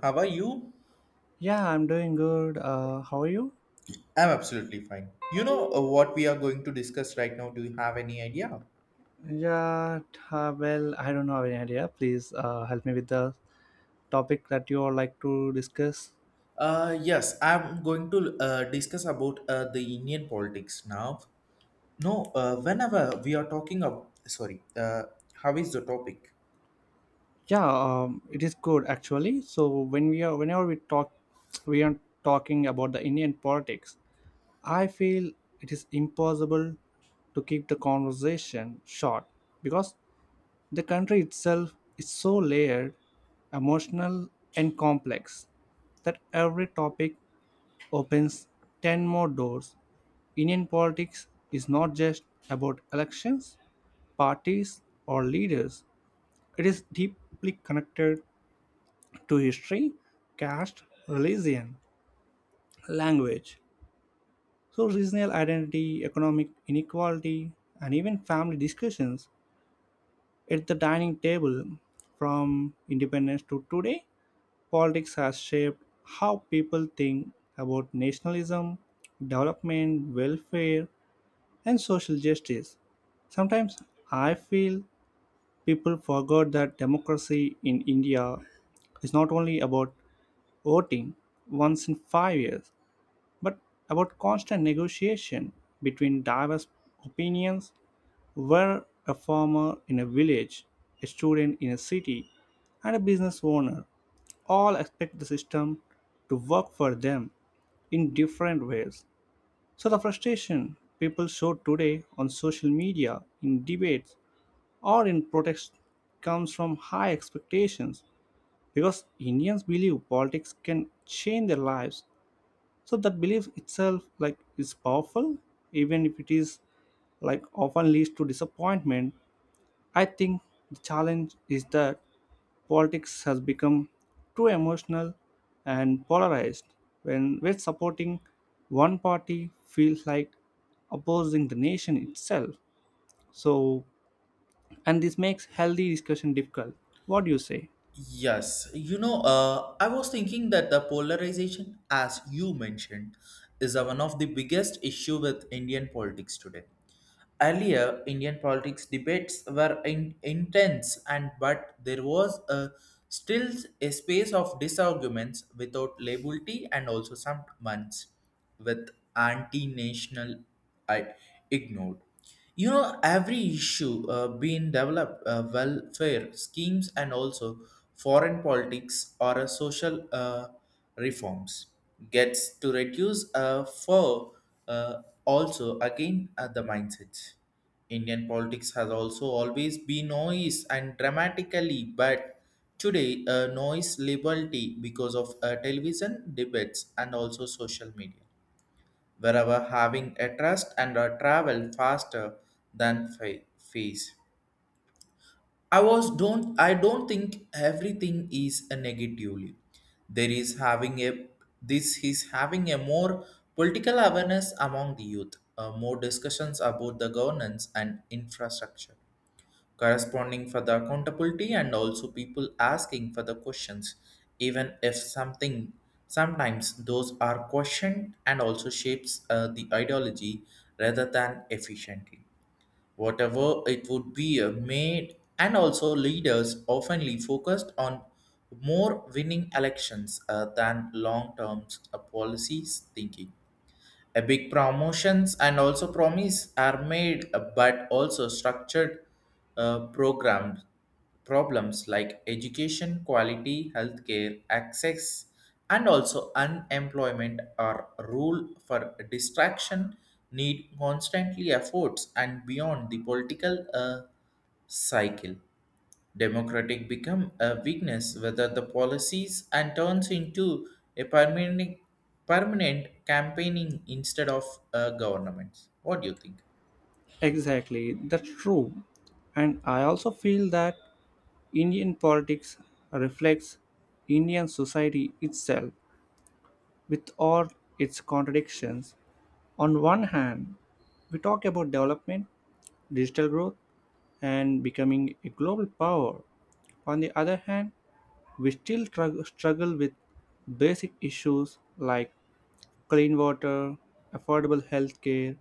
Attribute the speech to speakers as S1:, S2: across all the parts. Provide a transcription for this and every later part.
S1: How are you?
S2: Yeah, I'm doing good. How are you?
S1: I'm absolutely fine. What we are going to discuss right now? Do you have any idea?
S2: Yeah, well, I don't have any idea. Please help me with the topic that you would like to discuss.
S1: Yes, I'm going to discuss about the Indian politics now. No, Whenever we are talking about, sorry, how is the topic?
S2: Yeah, it is good actually. So whenever we talk, we are talking about the Indian politics. I feel it is impossible to keep the conversation short because the country itself is so layered, emotional, and complex that every topic opens 10 more doors. Indian politics is not just about elections, parties, or leaders. It is deeply connected to history, caste, religion, language. So regional identity, economic inequality, and even family discussions at the dining table. From independence to today, politics has shaped how people think about nationalism, development, welfare, and social justice. Sometimes I feel people forgot that democracy in India is not only about voting once in 5 years, but about constant negotiation between diverse opinions, where a farmer in a village, a student in a city, and a business owner all expect the system to work for them in different ways. So the frustration people show today on social media, in debates, or in protests comes from high expectations, because Indians believe politics can change their lives. So that belief itself like is powerful, even if it is like often leads to disappointment. I think the challenge is that politics has become too emotional and polarized, when supporting one party feels like opposing the nation itself. So and this makes healthy discussion difficult. What do you say?
S1: Yes, I was thinking that the polarization, as you mentioned, is one of the biggest issue with Indian politics today. Earlier, Indian politics debates were intense, and but there was a still a space of disarguments without liability, and also some months with anti-national I ignored. You know, every issue being developed, welfare schemes, and also foreign politics or a social reforms gets to reduce for also, again, at the mindset. Indian politics has also always been noise and dramatically, but today, noise liberty because of television debates and also social media, wherever having a trust and a travel faster than face. I don't think everything is a negatively. There is having a This is having a more political awareness among the youth, more discussions about the governance and infrastructure, corresponding for the accountability and also people asking for the questions, even if something sometimes those are questioned and also shapes the ideology rather than efficiently whatever it would be made. And also leaders oftenly focused on more winning elections than long term policies thinking. A big promotions and also promise are made, but also structured programmed problems like education, quality, healthcare, access, and also unemployment are rule for distraction need constantly efforts and beyond the political cycle. Democratic become a weakness whether the policies and turns into a permanent campaigning instead of a government. What do you think?
S2: Exactly, that's true. And I also feel that Indian politics reflects Indian society itself, with all its contradictions. On one hand, we talk about development, digital growth, and becoming a global power. On the other hand, we still struggle with basic issues like clean water, affordable healthcare,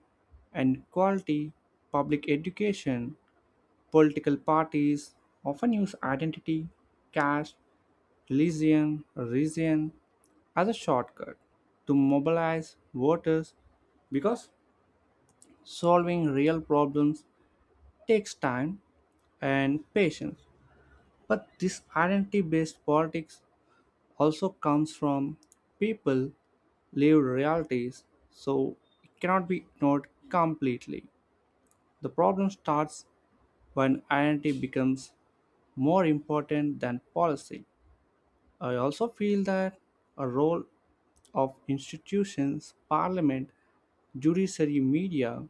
S2: and quality public education. Political parties often use identity, caste, religion, region as a shortcut to mobilize voters, because solving real problems takes time and patience, but this identity based politics also comes from people lived realities, so it cannot be ignored completely. The problem starts when identity becomes more important than policy. I also feel that a role of institutions, parliament, judiciary, media,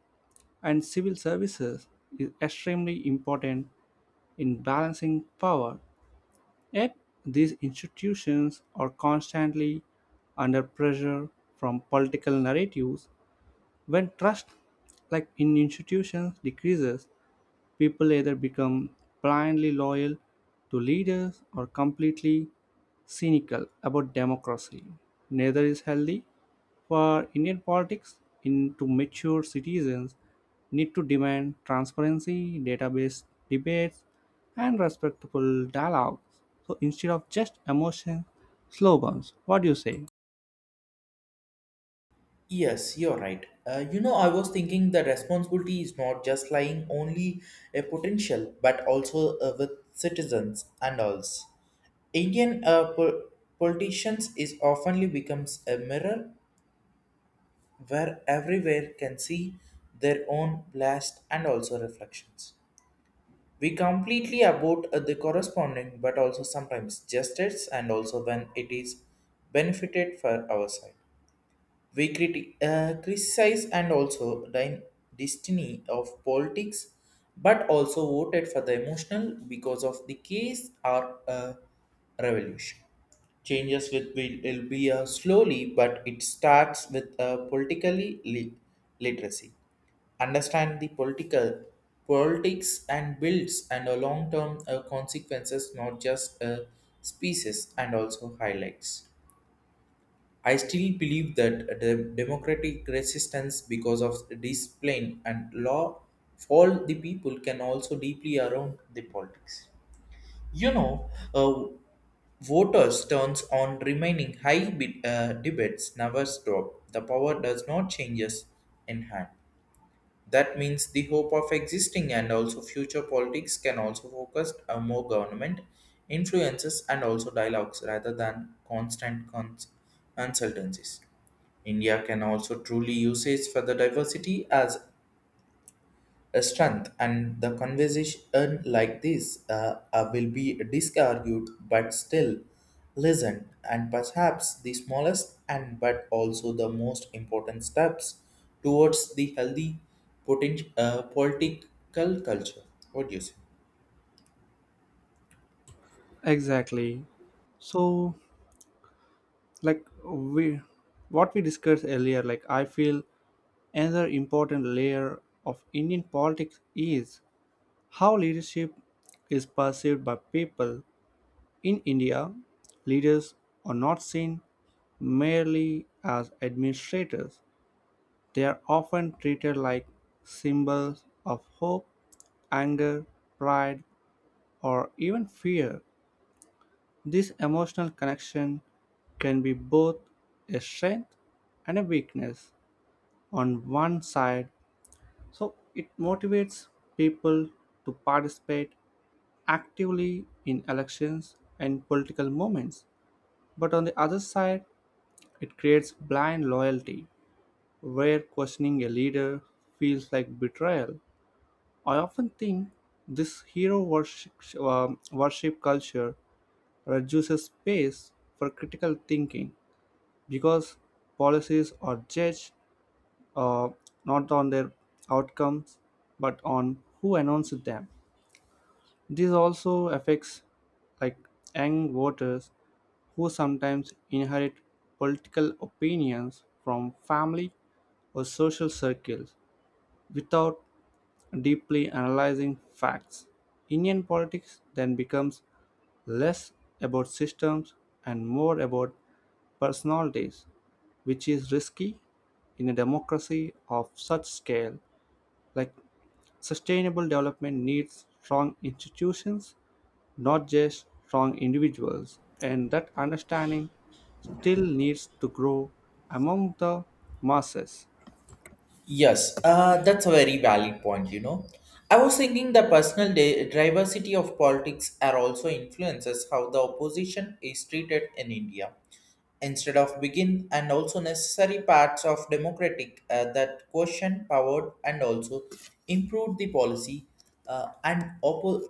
S2: and civil services is extremely important in balancing power, yet these institutions are constantly under pressure from political narratives. When trust, like in institutions, decreases, people either become blindly loyal to leaders or completely cynical about democracy. Neither is healthy. For Indian politics, into mature citizens need to demand transparency, database debates, and respectful dialogue. So instead of just emotion slogans, what do you say?
S1: Yes, you're right. You know, I was thinking the responsibility is not just lying only a potential, but also with citizens and alls. Indian politicians is oftenly becomes a mirror where everywhere can see their own blast and also reflections. We completely about the corresponding, but also sometimes justice, and also when it is benefited for our side. We criticize and also the destiny of politics, but also voted for the emotional because of the case or a revolution. Changes will be slowly, but it starts with politically literacy understand the political politics and builds and a long-term consequences not just a species and also highlights. I still believe that the democratic resistance because of discipline and law fall the people can also deeply around the politics. You know, uh, voters turns on remaining high bid, debates never stop the power does not changes in hand. That means the hope of existing and also future politics can also focus on more government influences and also dialogues rather than constant consultancies. India can also truly use its further diversity as strength, and the conversation like this will be disargued but still listened, and perhaps the smallest and but also the most important steps towards the healthy political culture. What do you say?
S2: Exactly. So, like we, what we discussed earlier, like I feel another important layer of Indian politics is how leadership is perceived by people. In India, leaders are not seen merely as administrators, they are often treated like symbols of hope, anger, pride, or even fear. This emotional connection can be both a strength and a weakness. On one side, so it motivates people to participate actively in elections and political movements. But on the other side, it creates blind loyalty, where questioning a leader feels like betrayal. I often think this hero worship, worship culture reduces space for critical thinking, because policies are judged uh, not on their outcomes but on who announced them. This also affects like young voters who sometimes inherit political opinions from family or social circles without deeply analyzing facts. Indian politics then becomes less about systems and more about personalities, which is risky in a democracy of such scale. Like sustainable development needs strong institutions, not just strong individuals, and that understanding still needs to grow among the masses.
S1: Yes, that's a very valid point, you know. I was thinking the personal diversity of politics are also influences how the opposition is treated in India. Instead of begin and also necessary parts of democratic that question powered and also improved the policy. And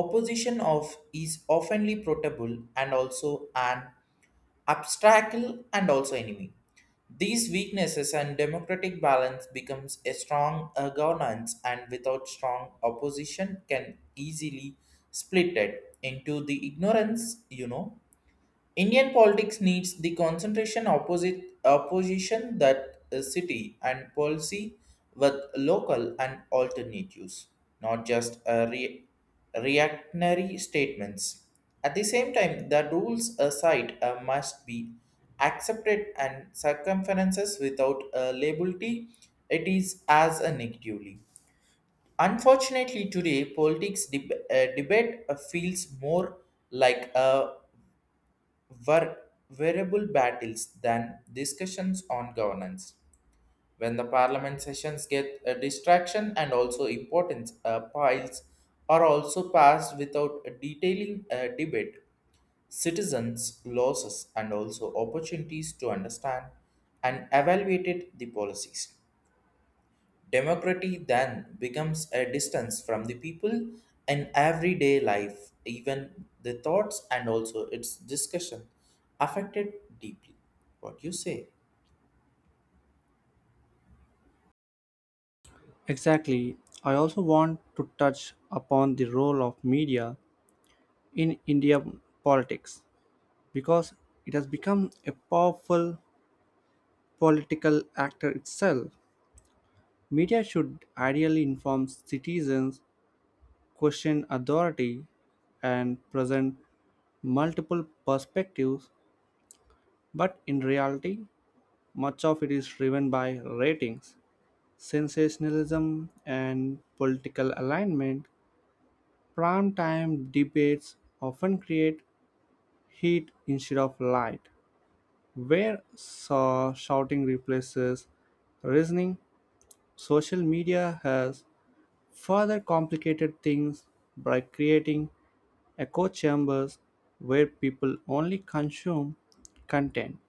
S1: opposition of is oftenly protable and also an obstacle and also enemy. These weaknesses and democratic balance becomes a strong governance, and without strong opposition can easily split it into the ignorance. You know, Indian politics needs the concentration opposite opposition that a city and policy with local and alternatives, not just a reactionary statements. At the same time, the rules aside must be accepted and circumferences without a liability, it is as a negatively. Unfortunately, today politics debate feels more like a were variable battles than discussions on governance. When the parliament sessions get a distraction and also importance piles are also passed without detailing a debate, citizens' losses and also opportunities to understand and evaluate the policies. Democracy then becomes a distance from the people in everyday life, even the thoughts and also its discussion affected deeply. What you say?
S2: Exactly. I also want to touch upon the role of media in Indian politics, because it has become a powerful political actor itself. Media should ideally inform citizens, question authority, and present multiple perspectives, but in reality, much of it is driven by ratings, sensationalism, and political alignment. Primetime debates often create heat instead of light, where shouting replaces reasoning. Social media has further complicated things by creating echo chambers where people only consume content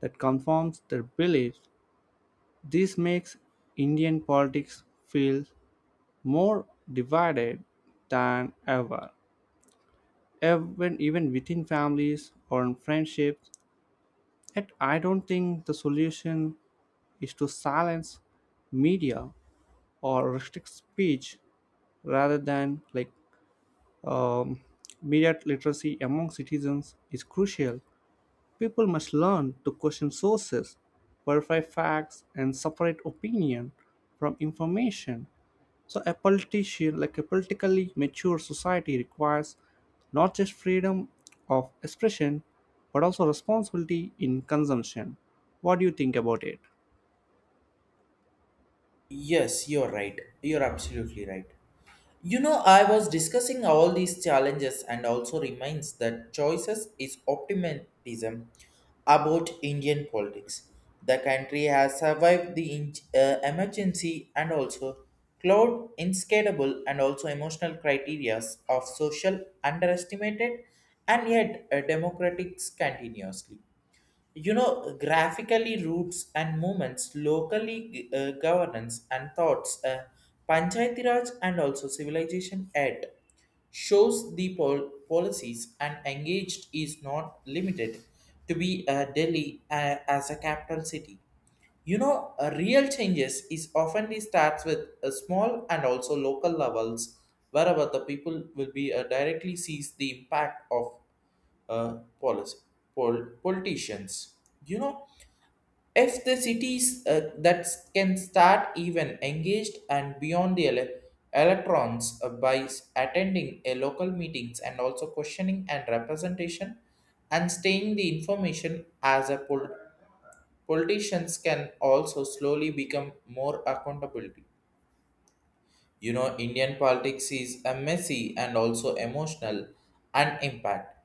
S2: that confirms their beliefs. This makes Indian politics feel more divided than ever, even within families or in friendships. Yet I don't think the solution is to silence media or restrict speech. Rather than like um, media literacy among citizens is crucial. People must learn to question sources, verify facts, and separate opinion from information. So a politician, like a politically mature society, requires not just freedom of expression, but also responsibility in consumption. What do you think about it?
S1: Yes, you're right. You're absolutely right. You know, I was discussing all these challenges and also reminds that choices is optimism about Indian politics. The country has survived the emergency and also cloud inscalable and also emotional criteria of social underestimated, and yet democratics continuously, you know, graphically roots and movements locally governance and thoughts, panchayati raj and also civilization ed shows the policies and engaged is not limited to be Delhi as a capital city. You know, real changes is often it starts with a small and also local levels, wherever the people will be directly sees the impact of policy, politicians. You know, if the cities that can start even engaged and beyond the electrons attending a local meetings and also questioning and representation and staying the information as a politicians can also slowly become more accountability. You know, Indian politics is a messy and also emotional and impact,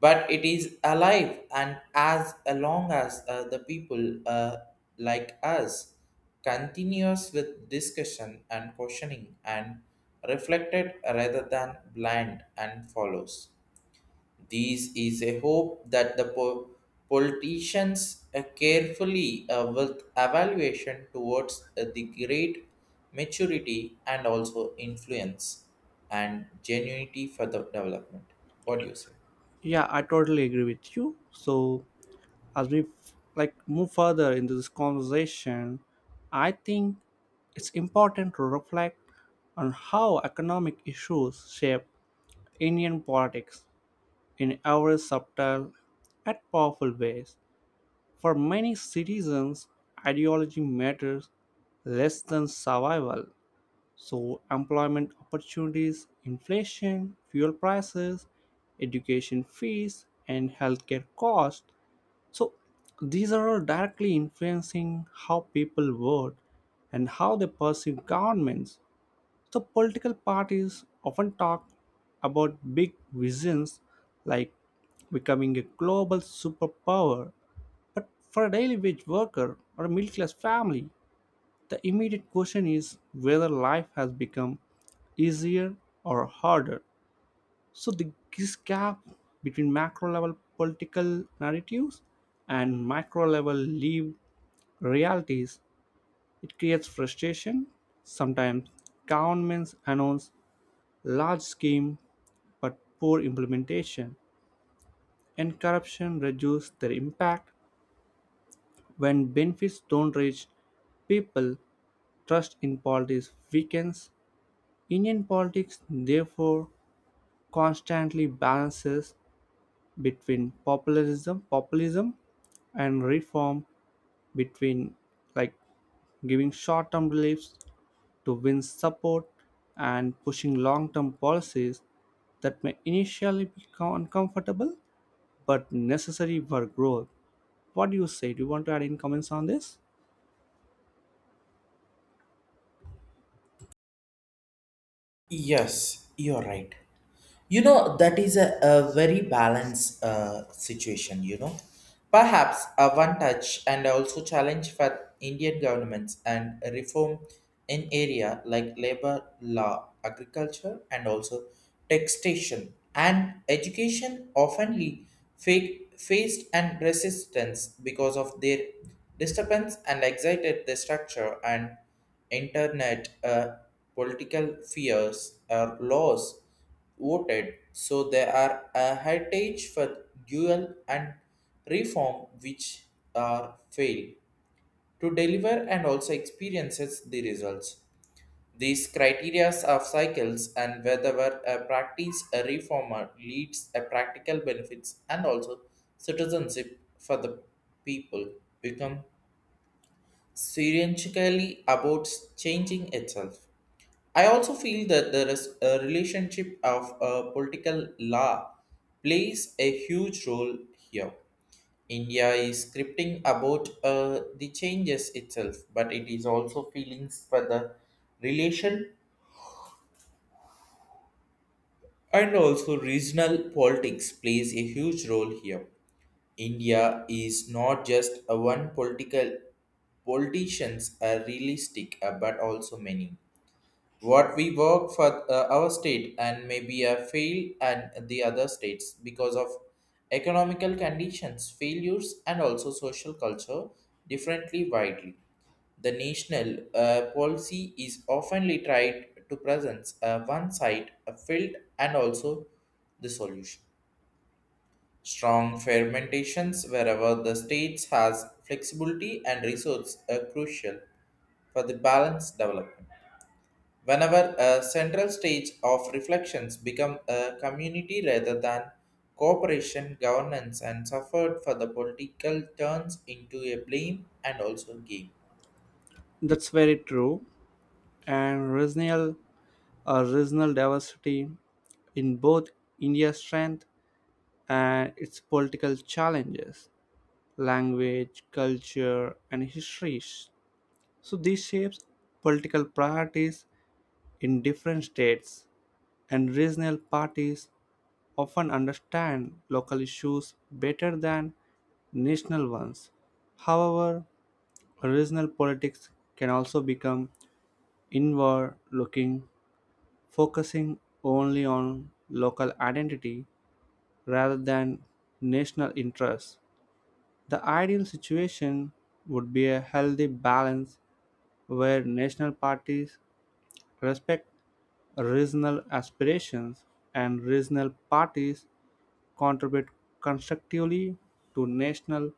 S1: but it is alive. And as long as the people like us continues with discussion and questioning and reflected rather than blind and follows. This is a hope that the politicians carefully with evaluation towards the great maturity and also influence and genuinity for the development. What do you say?
S2: Yeah, I totally agree with you. So as we like move further into this conversation, I think it's important to reflect on how economic issues shape Indian politics in every subtle and powerful ways. For many citizens, ideology matters less than survival. So employment opportunities, inflation, fuel prices, education fees, and healthcare costs. So these are all directly influencing how people vote and how they perceive governments. So political parties often talk about big visions like becoming a global superpower, but for a daily wage worker or a middle class family, the immediate question is whether life has become easier or harder. So, this gap between macro level political narratives and micro level lived realities, it creates frustration. Sometimes governments announce large scheme, but poor implementation and corruption reduce their impact. When benefits don't reach people, trust in politics weakens. Indian politics therefore constantly balances between populism and reform, between like giving short-term reliefs to win support and pushing long-term policies that may initially be uncomfortable but necessary for growth. What do you say? Do you want to add any comments on this?
S1: Yes, you're right. You know, that is a very balanced situation, you know. Perhaps a one touch and also challenge for Indian governments and reform in area like labor law, agriculture and also taxation and education oftenly faced and resistance because of their disturbance and excited the structure and internet political fears or laws voted, so they are a heritage for dual and reform which are failed to deliver and also experiences the results. These criteria of cycles and whether a practice a reformer leads a practical benefits and also citizenship for the people become seriously about changing itself. I also feel that there is a relationship of political law plays a huge role here. India is scripting about the changes itself, but it is also feelings for the relation and also regional politics plays a huge role here. India is not just a one political politicians are realistic, but also many what we work for our state and maybe a fail and the other states because of economical conditions failures and also social culture differently widely. The national policy is oftenly tried to present one side a field and also the solution strong fermentations wherever the states has flexibility and resource are crucial for the balanced development. Whenever a central stage of reflections become a community rather than cooperation, governance and suffered for the political turns into a blame and also game.
S2: That's very true. And regional diversity in both India's strength and its political challenges, language, culture, and histories. So this shapes political priorities in different states, and regional parties often understand local issues better than national ones. However, regional politics can also become inward looking, focusing only on local identity rather than national interests. The ideal situation would be a healthy balance where national parties respect regional aspirations and regional parties contribute constructively to national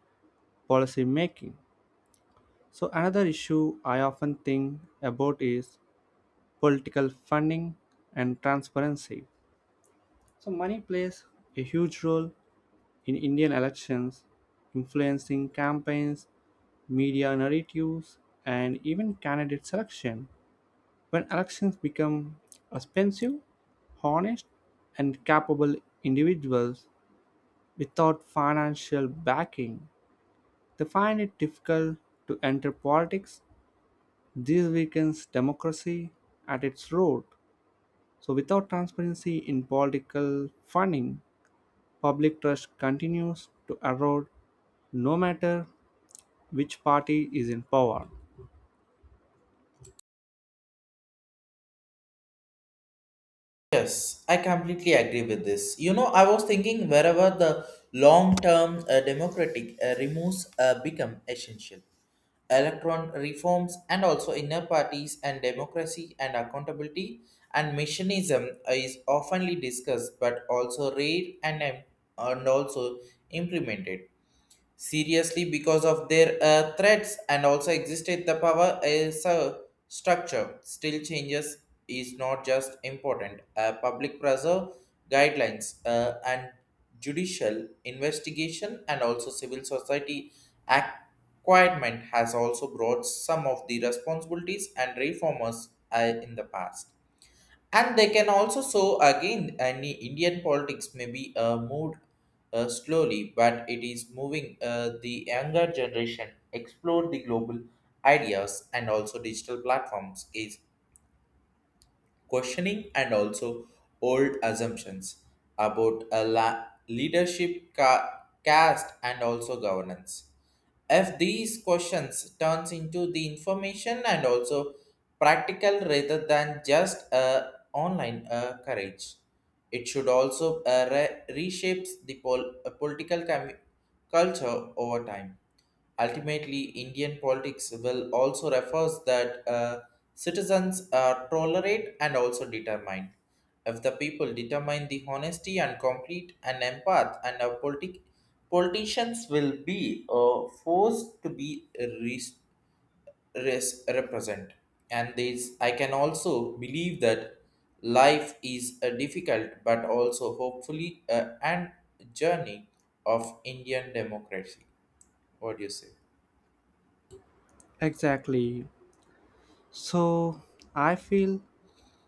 S2: policy making. So another issue I often think about is political funding and transparency. So money plays a huge role in Indian elections, influencing campaigns, media narratives, and even candidate selection. When elections become expensive, honest and capable individuals without financial backing, they find it difficult to enter politics. This weakens democracy at its root. So without transparency in political funding, public trust continues to erode, no matter which party is in power.
S1: Yes, I completely agree with this. You know, I was thinking wherever the long-term democratic removes become essential. Electron reforms and also inner parties and democracy and accountability and missionism is oftenly discussed but also rare and also implemented seriously because of their threats and also existed the power as a structure still changes is not just important public pressure guidelines and judicial investigation and also civil society acquirement has also brought some of the responsibilities and reformers in the past, and they can also show again any Indian politics may be moved slowly, but it is moving. The younger generation explore the global ideas and also digital platforms is questioning and also old assumptions about a leadership caste and also governance. If these questions turns into the information and also practical rather than just online courage, it should also reshapes the political culture over time. Ultimately, Indian politics will also refers that citizens are tolerate and also determined. If the people determine the honesty and complete and empath and a politicians will be forced to be represent. And this I can also believe that life is difficult but also hopefully and journey of Indian democracy. What do you say?
S2: Exactly. So I feel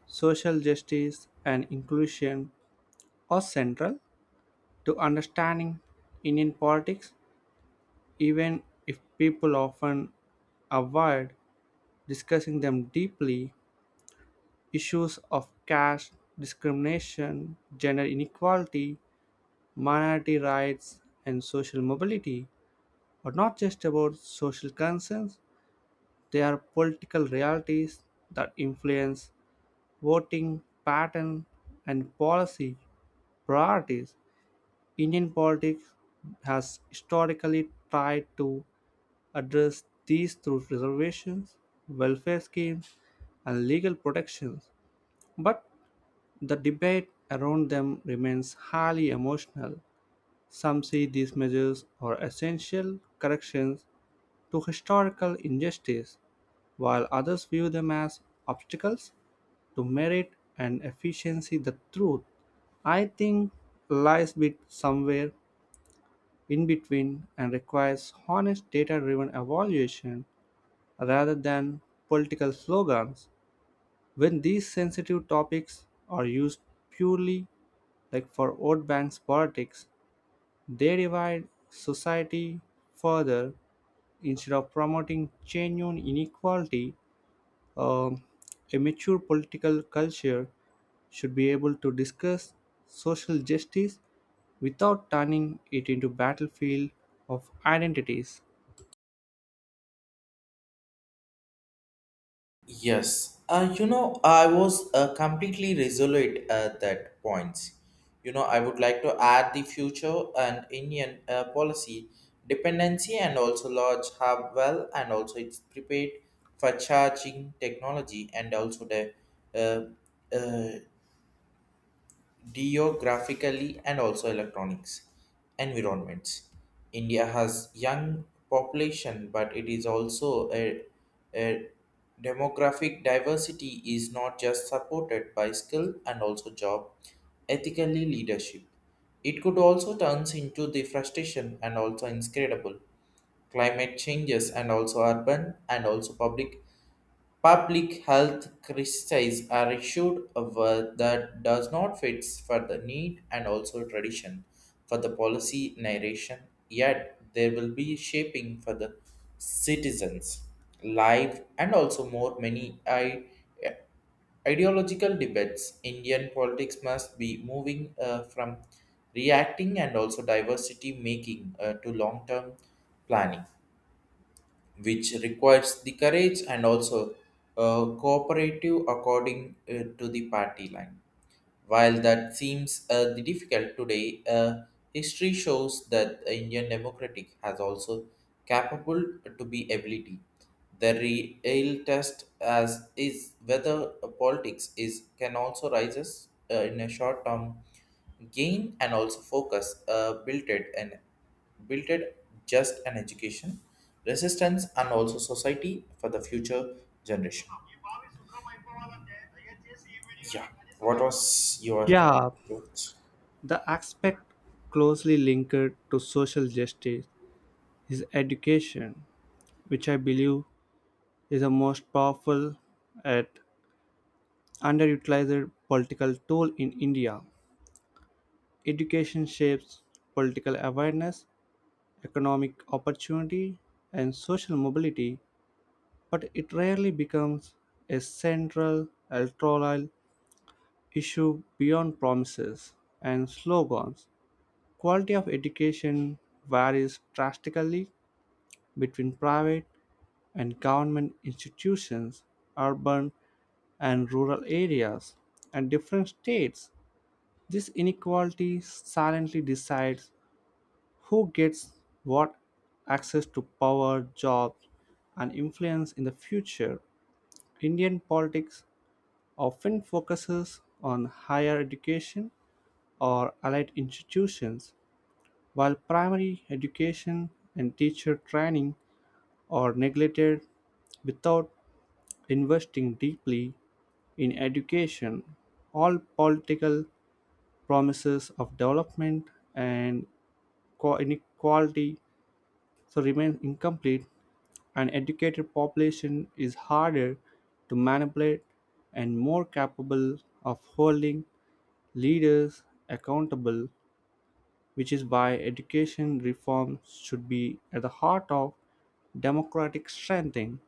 S2: social justice and inclusion are central to understanding Indian politics, even if people often avoid discussing them deeply. Issues of caste discrimination, gender inequality, minority rights, and social mobility are not just about social concerns. They are political realities that influence voting patterns and policy priorities. Indian politics has historically tried to address these through reservations, welfare schemes, and legal protections, but the debate around them remains highly emotional. Some see these measures are essential corrections to historical injustice, while others view them as obstacles to merit and efficiency. The truth, I think, lies bit somewhere in between, and requires honest data driven evaluation rather than political slogans. When these sensitive topics are used purely like for vote banks politics, they divide society further instead of promoting genuine inequality. Um, a mature political culture should be able to discuss social justice without turning it into battlefield of identities.
S1: Yes, you know, I was completely resolute at that point. You know, I would like to add the future and Indian policy dependency and also large hub well and also it's prepared for charging technology and also the uh, uh, geographically and also electronics environments. India has young population, but it is also a demographic diversity is not just supported by skill and also job ethically leadership. It could also turns into the frustration and also inscrutable climate changes and also urban and also public. Public health crises are issued a word that does not fit for the need and also tradition for the policy narration, yet there will be shaping for the citizens' life and also more many ideological debates. Indian politics must be moving from reacting and also diversity making to long-term planning which requires the courage and also cooperative according to the party line. While that seems difficult today, history shows that the Indian democratic has also capable to be ability. The real test as is whether politics is can also rises in a short term gain and also focus built it and built it just an education resistance and also society for the future generation. Yeah. What was your
S2: Yeah,
S1: thought?
S2: the aspect closely linked to social justice is education, which I believe is the most powerful and underutilized political tool in India. Education shapes political awareness, economic opportunity, and social mobility, but it rarely becomes a central electoral issue beyond promises and slogans. Quality of education varies drastically between private and government institutions, urban and rural areas, and different states. This inequality silently decides who gets what access to power, jobs, and influence in the future. Indian politics often focuses on higher education or allied institutions, while primary education and teacher training are neglected. Without investing deeply in education, all political promises of development and inequality so remain incomplete. An educated population is harder to manipulate and more capable of holding leaders accountable, which is why education reform should be at the heart of democratic strengthening.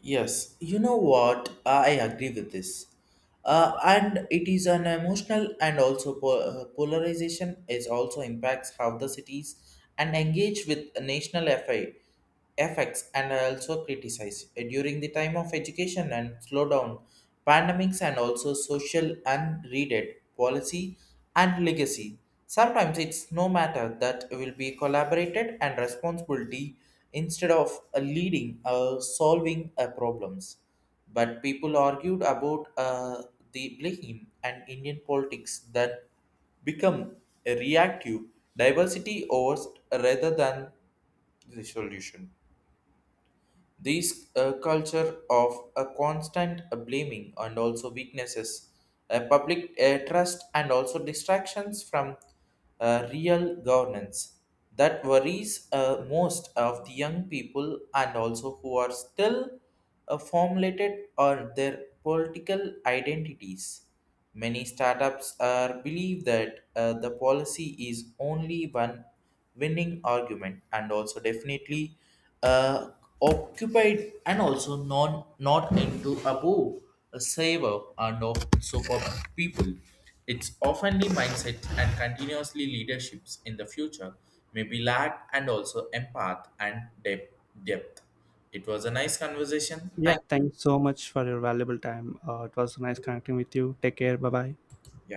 S1: Yes, you know what? I agree with this. And it is an emotional and also polarization is also impacts how the cities and engage with national FI, effects and also criticize during the time of education and slowdown, pandemics and also social unreaded policy and legacy. Sometimes it's no matter that will be collaborated and responsibility instead of leading solving problems, but people argued about the blame and Indian politics that become reactive diversity over rather than the solution. This culture of a constant blaming and also weaknesses, public trust, and also distractions from real governance that worries most of the young people and also who are still formulated on their political identities. Many startups are believe that the policy is only one winning argument and also definitely uh, occupied and also non not into above a saver and also for people. It's oftenly mindset and continuously leaderships in the future may be lack and also empath and depth. depth. It was a nice conversation.
S2: Yeah,
S1: Thank you.
S2: thanks so much for your valuable time. It was nice connecting with you. Take care. Bye bye.